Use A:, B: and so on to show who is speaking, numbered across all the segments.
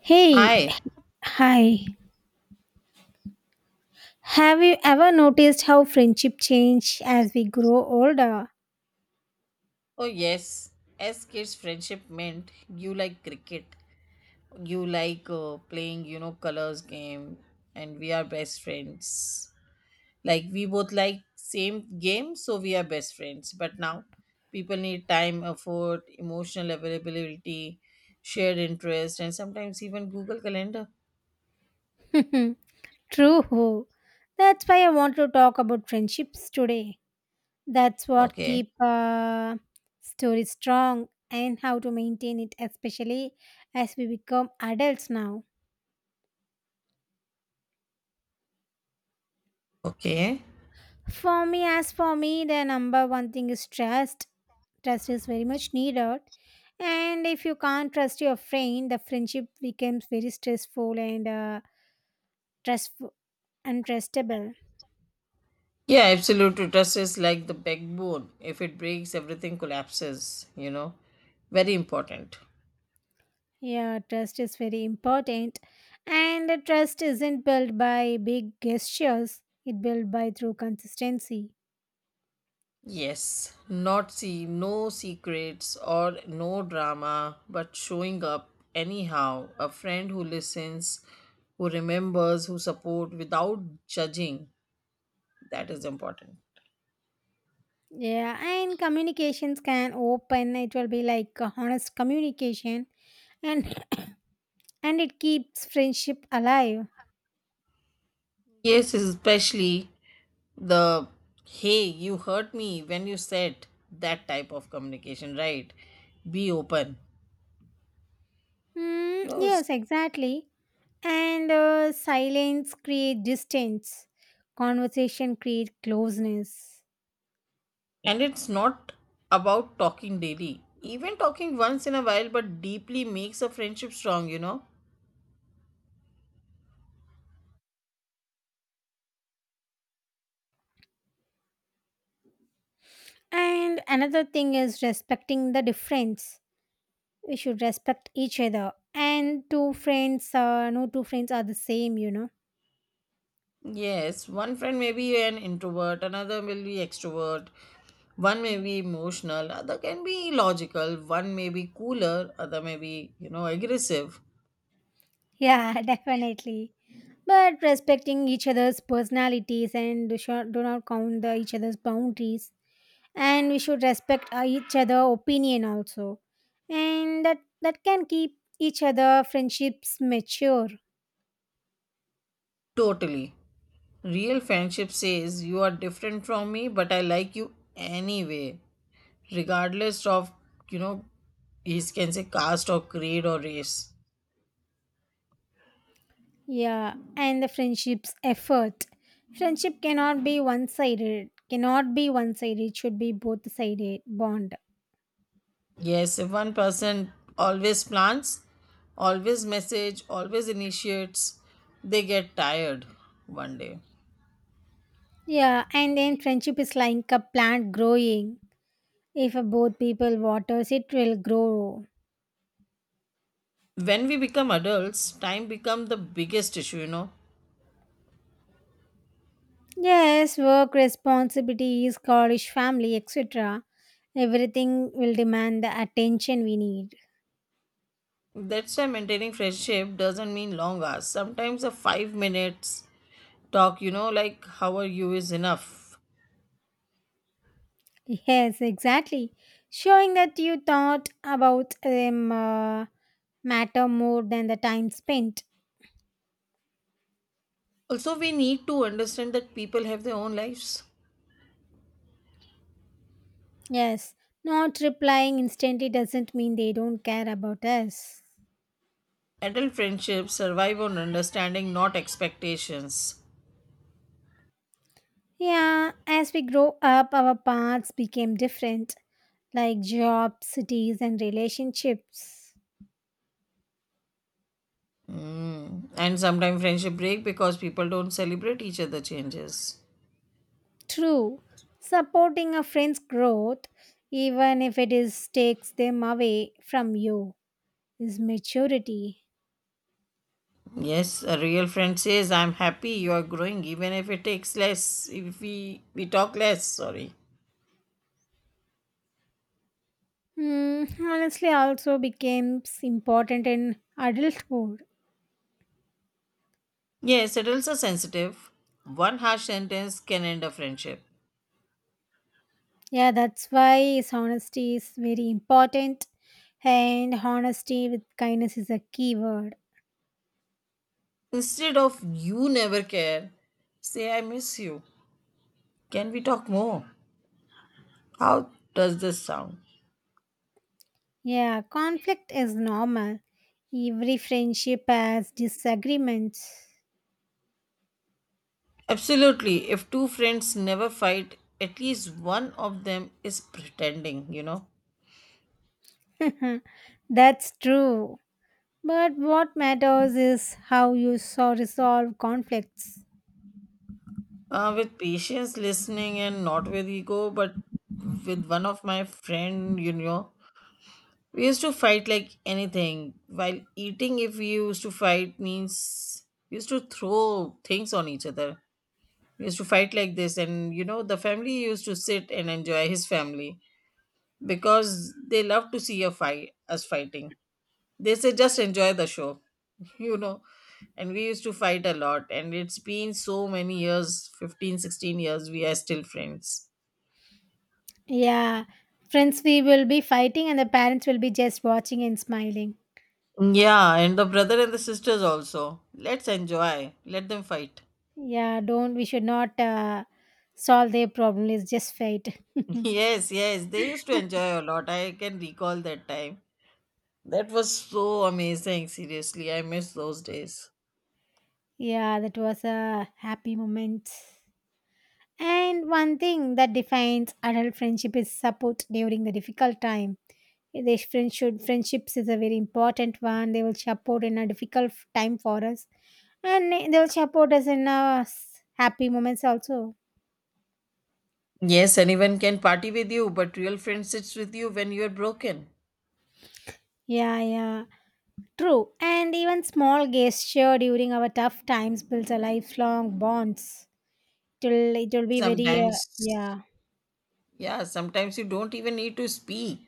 A: Hey,
B: Hi.
A: hi. Have you ever noticed how friendship change as we grow older?
B: Oh yes. As kids, friendship meant you like cricket, you like playing, colors game, and we are best friends. Like we both like same game, so we are best friends. But now, people need time, effort, emotional availability, shared interest, and sometimes even Google Calendar.
A: True. That's why I want to talk about friendships today. That's what
B: Okay.
A: keep story strong and how to maintain it, especially as we become adults now.
B: Okay.
A: As for me, the number one thing is trust. Trust is very much needed. And if you can't trust your friend, the friendship becomes very stressful and trustful and trustable.
B: Yeah, absolute trust is like the backbone. If it breaks, everything collapses. Very important.
A: Yeah, trust is very important. And the trust isn't built by big gestures, it built by through consistency.
B: Yes, not see no secrets or no drama, but showing up anyhow. A friend who listens, who remembers, who support without judging. That is important.
A: Yeah, and communications can open. It will be like a honest communication and it keeps friendship alive.
B: Yes, especially the hey, you hurt me when you said that type of communication, right? Be open.
A: Mm,
B: No,
A: yes, exactly. And silence create distance. Conversation create closeness.
B: and it's not about talking daily. Even talking once in a while, but deeply makes a friendship strong, you know?
A: And another thing is respecting the difference, we should respect each other and two friends no two friends are the same, you know.
B: Yes, one friend may be an introvert, another will be extrovert, one may be emotional, other can be logical, one may be cooler, other may be, aggressive.
A: Yeah, definitely. But respecting each other's personalities and do not count the each other's boundaries, and we should respect each other opinion also, and that can keep each other friendships mature.
B: Totally. Real friendship says you are different from me, but I like you anyway, regardless of, you know, is can say caste or creed or race.
A: Yeah, and the friendships effort, friendship cannot be one sided, it should be both sided bond.
B: Yes, if one person always plans, always message, always initiates, they get tired one day.
A: Yeah, and then friendship is like a plant growing. If both people waters, it will grow.
B: When we become adults, time becomes the biggest issue.
A: Yes, work responsibilities, college, family, etc. Everything will demand the attention we need.
B: That's why maintaining friendship doesn't mean long hours. Sometimes a 5 minutes talk, like how are you is enough.
A: Yes, exactly. Showing that you thought about them matter more than the time spent.
B: Also, we need to understand that people have their own lives.
A: Yes, not replying instantly doesn't mean they don't care about us.
B: Adult friendships survive on understanding, not expectations.
A: Yeah, as we grow up, our paths became different, like jobs, cities, and relationships.
B: Mm. And sometimes friendship break because people don't celebrate each other changes.
A: True, supporting a friend's growth, even if it is takes them away from you, is maturity.
B: Yes, a real friend says, "I'm happy you are growing, even if it takes less. If we talk less, sorry."
A: Hmm, honestly, also becomes important in adulthood.
B: Yes, adults are sensitive. One harsh sentence can end a friendship.
A: Yeah, that's why is honesty is very important, and honesty with kindness is a keyword.
B: Instead of "you never care," say "I miss you." Can we talk more? How does this sound?
A: Yeah, conflict is normal. Every friendship has disagreements.
B: Absolutely. If two friends never fight, at least one of them is pretending.
A: That's true. But what matters is how you so resolve conflicts.
B: With patience, listening, and not with ego, but with one of my friend, we used to fight like anything while eating. If we used to fight means we used to throw things on each other. We used to fight like this. And the family used to sit and enjoy, his family, because they love to see a fight, us fighting. They say just enjoy the show. you know. And we used to fight a lot, and it's been so many years 15-16 years, we are still friends.
A: Yeah, friends, we will be fighting, and the parents will be just watching and smiling.
B: Yeah, and the brother and the sisters also. Let's enjoy, let them fight.
A: Yeah, don't, we should not solve their problem. Let's just fight.
B: Yes, yes, they used to enjoy a lot. I can recall that time. That was so amazing, seriously. I miss those days.
A: Yeah, that was a happy moment. And one thing that defines adult friendship is support during the difficult time. Friendships is a very important one. They will support in a difficult time for us, and they will support us in our happy moments also.
B: Yes, anyone can party with you, but real friend sits with you when you are broken.
A: Yeah, yeah, true. And even small gesture during our tough times builds a lifelong bonds. It will be very
B: Sometimes,
A: yeah,
B: yeah, sometimes you don't even need to speak.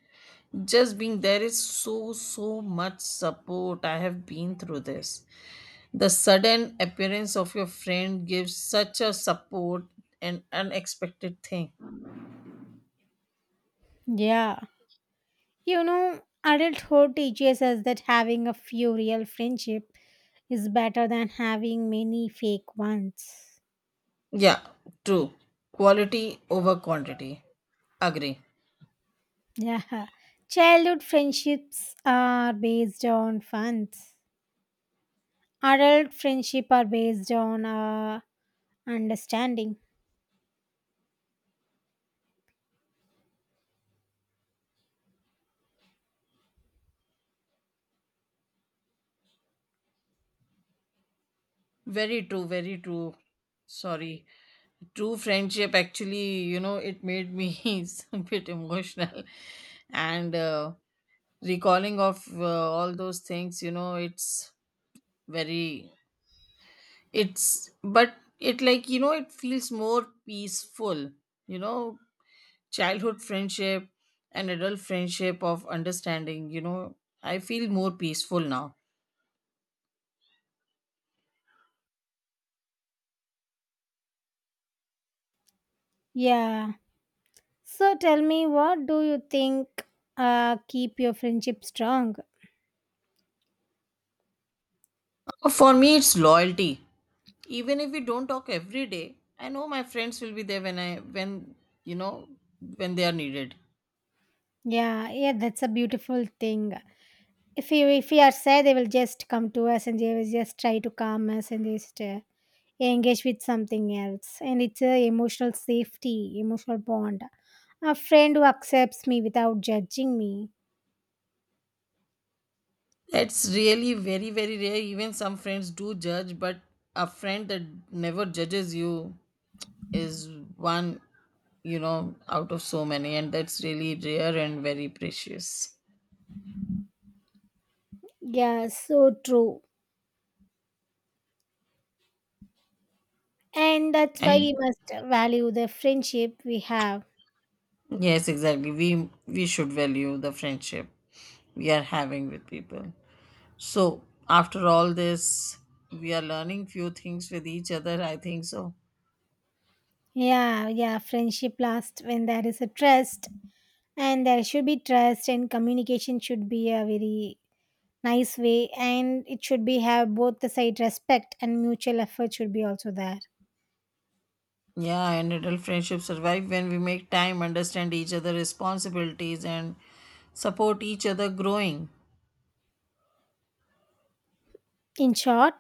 B: Just being there is so much support. I have been through this. The sudden appearance of your friend gives such a support and unexpected thing.
A: yeah. You know, adulthood teaches us that having a few real friendship is better than having many fake ones.
B: Yeah. True. Quality over quantity. Agree.
A: Yeah. Childhood friendships are based on funds. Adult friendship are based on understanding.
B: Very true, very true. Sorry. True friendship, actually, it made me a bit emotional. And recalling of all those things, it's very. It's, but it like, it feels more peaceful. You know, childhood friendship and adult friendship of understanding. I feel more peaceful now.
A: Yeah. So tell me, what do you think keep your friendship strong?
B: For me, it's loyalty. Even if we don't talk every day, I know my friends will be there when I when you know when they are needed.
A: Yeah, yeah, that's a beautiful thing. If we are sad, they will just come to us and they will just try to calm us and just engage with something else. And it's a emotional safety, emotional bond. A friend who accepts me without judging me.
B: That's really very very rare. Even some friends do judge, but a friend that never judges you is one, out of so many, and that's really rare and very precious.
A: Yeah, so true. And that's why we
B: And
A: must value the friendship we have.
B: yes, exactly, we should value the friendship we are having with people. So after all this, we are learning few things with each other, I think so.
A: Yeah, yeah, friendship lasts when there is a trust, and there should be trust, and communication should be a very nice way, and it should be have both the side respect, and mutual effort should be also there
B: Yeah, and adult friendships survive when we make time, understand each other responsibilities, and support each other growing.
A: in short.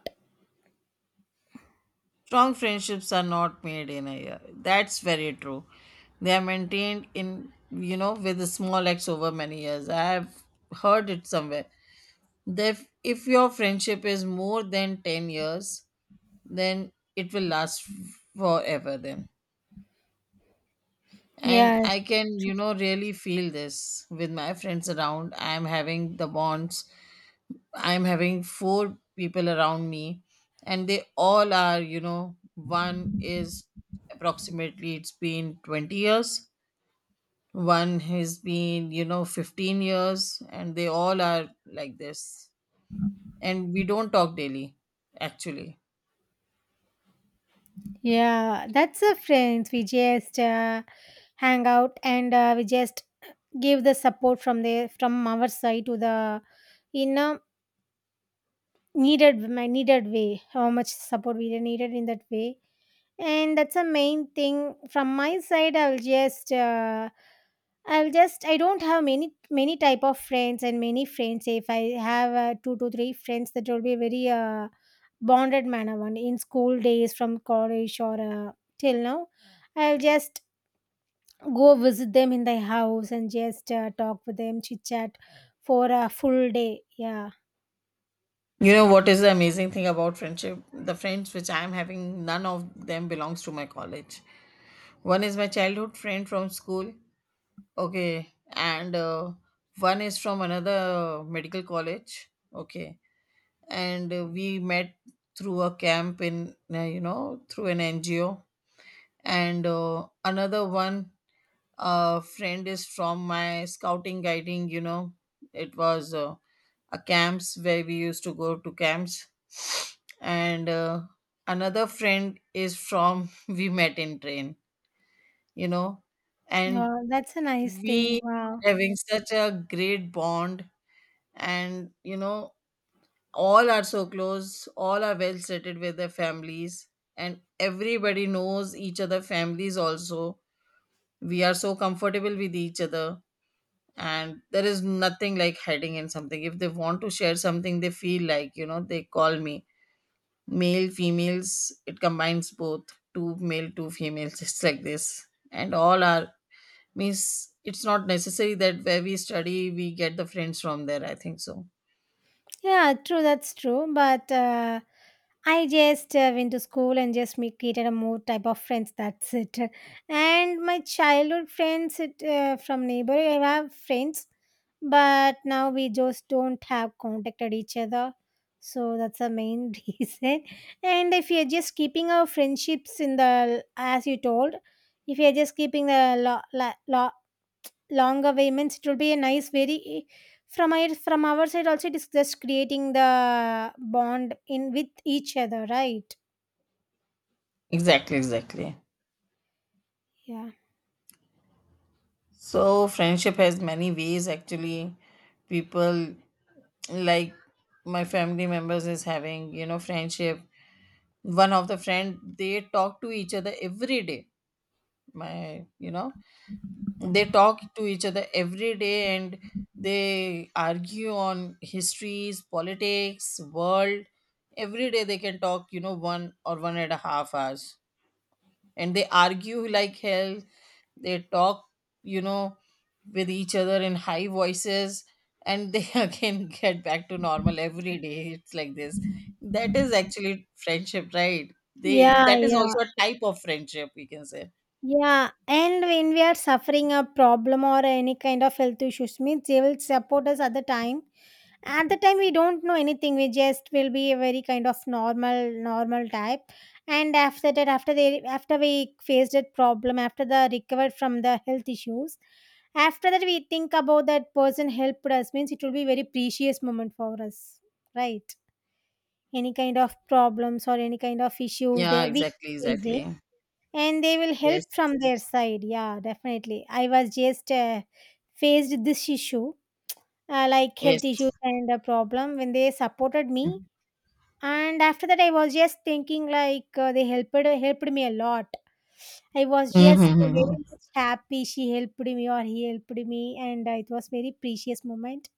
B: Strong friendships are not made in a year. That's very true. They are maintained with a small acts over many years. I have heard it somewhere. That if your friendship is more than 10 years, then it will last forever then. And
A: Yes,
B: I can, really feel this with my friends around. I am having the bonds I'm having four people around me, and they all are, one is approximately it's been 20 years, one has been, 15 years, and they all are like this. And we don't talk daily, actually.
A: yeah, that's the friends. We just hang out and we just give the support from the from our side to the, in a needed way, how much support we needed in that way. And that's a main thing from my side. I'll just I don't have many type of friends, and many friends if I have two to three friends, that will be very bonded manner, one in school days, from college or till now. I'll just go visit them in their house and just talk with them, chit chat for a full day. Yeah,
B: You know what is the amazing thing about friendship? The friends which I am having, none of them belongs to my college. One is my childhood friend from school. Okay, and one is from another medical college. Okay, and we met through a camp in through an NGO. And another one friend is from my scouting guiding. It was a camps where we used to go to camps. And another friend is from we met in train. You know, and
A: yeah, that's a nice
B: we
A: thing, wow.
B: are having such a great bond. And all are so close, all are well settled with their families. And everybody knows each other families also. We are so comfortable with each other. And there is nothing like hiding in something. If they want to share something, they feel like, they call me, male females. It combines both, two male, two females. Just like this. And all are, means it's not necessary that where we study we get the friends from there, I think so.
A: Yeah, true, that's true, but I just went to school and just me created a more type of friends. That's it. And my childhood friends it, from neighborhood, I have friends, but now we just don't have contacted each other. So that's the main reason. And if you're just keeping our friendships in the, as you told, if you're just keeping the long away means it will be a nice very from our side also, it is just creating the bond in with each other, right?
B: Exactly, exactly.
A: Yeah.
B: So friendship has many ways, actually. People, like my family members is having, friendship. One of the friend, they talk to each other every day. My you know they talk to each other every day. And they argue on histories, politics, world. Every day they can talk, 1 or 1.5 hours. And they argue like hell. They talk, you know with each other in high voices. And they again get back to normal every day. It's like this. That is actually friendship, right? they
A: Yeah,
B: that is
A: yeah.
B: also a type of friendship, we can say.
A: Yeah, and when we are suffering a problem or any kind of health issues, means they will support us at the time. At the time, we don't know anything. We just will be a very kind of normal, normal type. And after that, after we faced that problem, after the recovered from the health issues, after that we think about that person helped us. Means it will be very precious moment for us, right? Any kind of problems or any kind of issues
B: Yeah,
A: they we
B: exactly,
A: facing,
B: exactly.
A: and they will help
B: Yes,
A: from their side. Yeah, definitely, I was just faced this issue, like
B: yes.
A: health issue and a problem, when they supported me. And after that, I was just thinking like they helped, helped me a lot. I was just very
B: Mm-hmm.
A: much happy, she helped me or he helped me, and it was very precious moment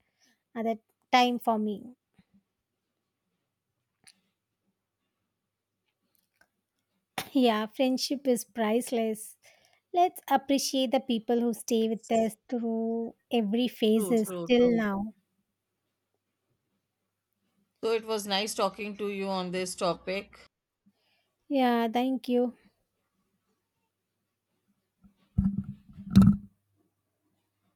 A: at that time for me. Yeah, friendship is priceless. Let's appreciate the people who stay with
B: It's
A: us through every
B: true,
A: phases
B: true, true.
A: till now.
B: So it was nice talking to you on this topic.
A: Yeah, thank you.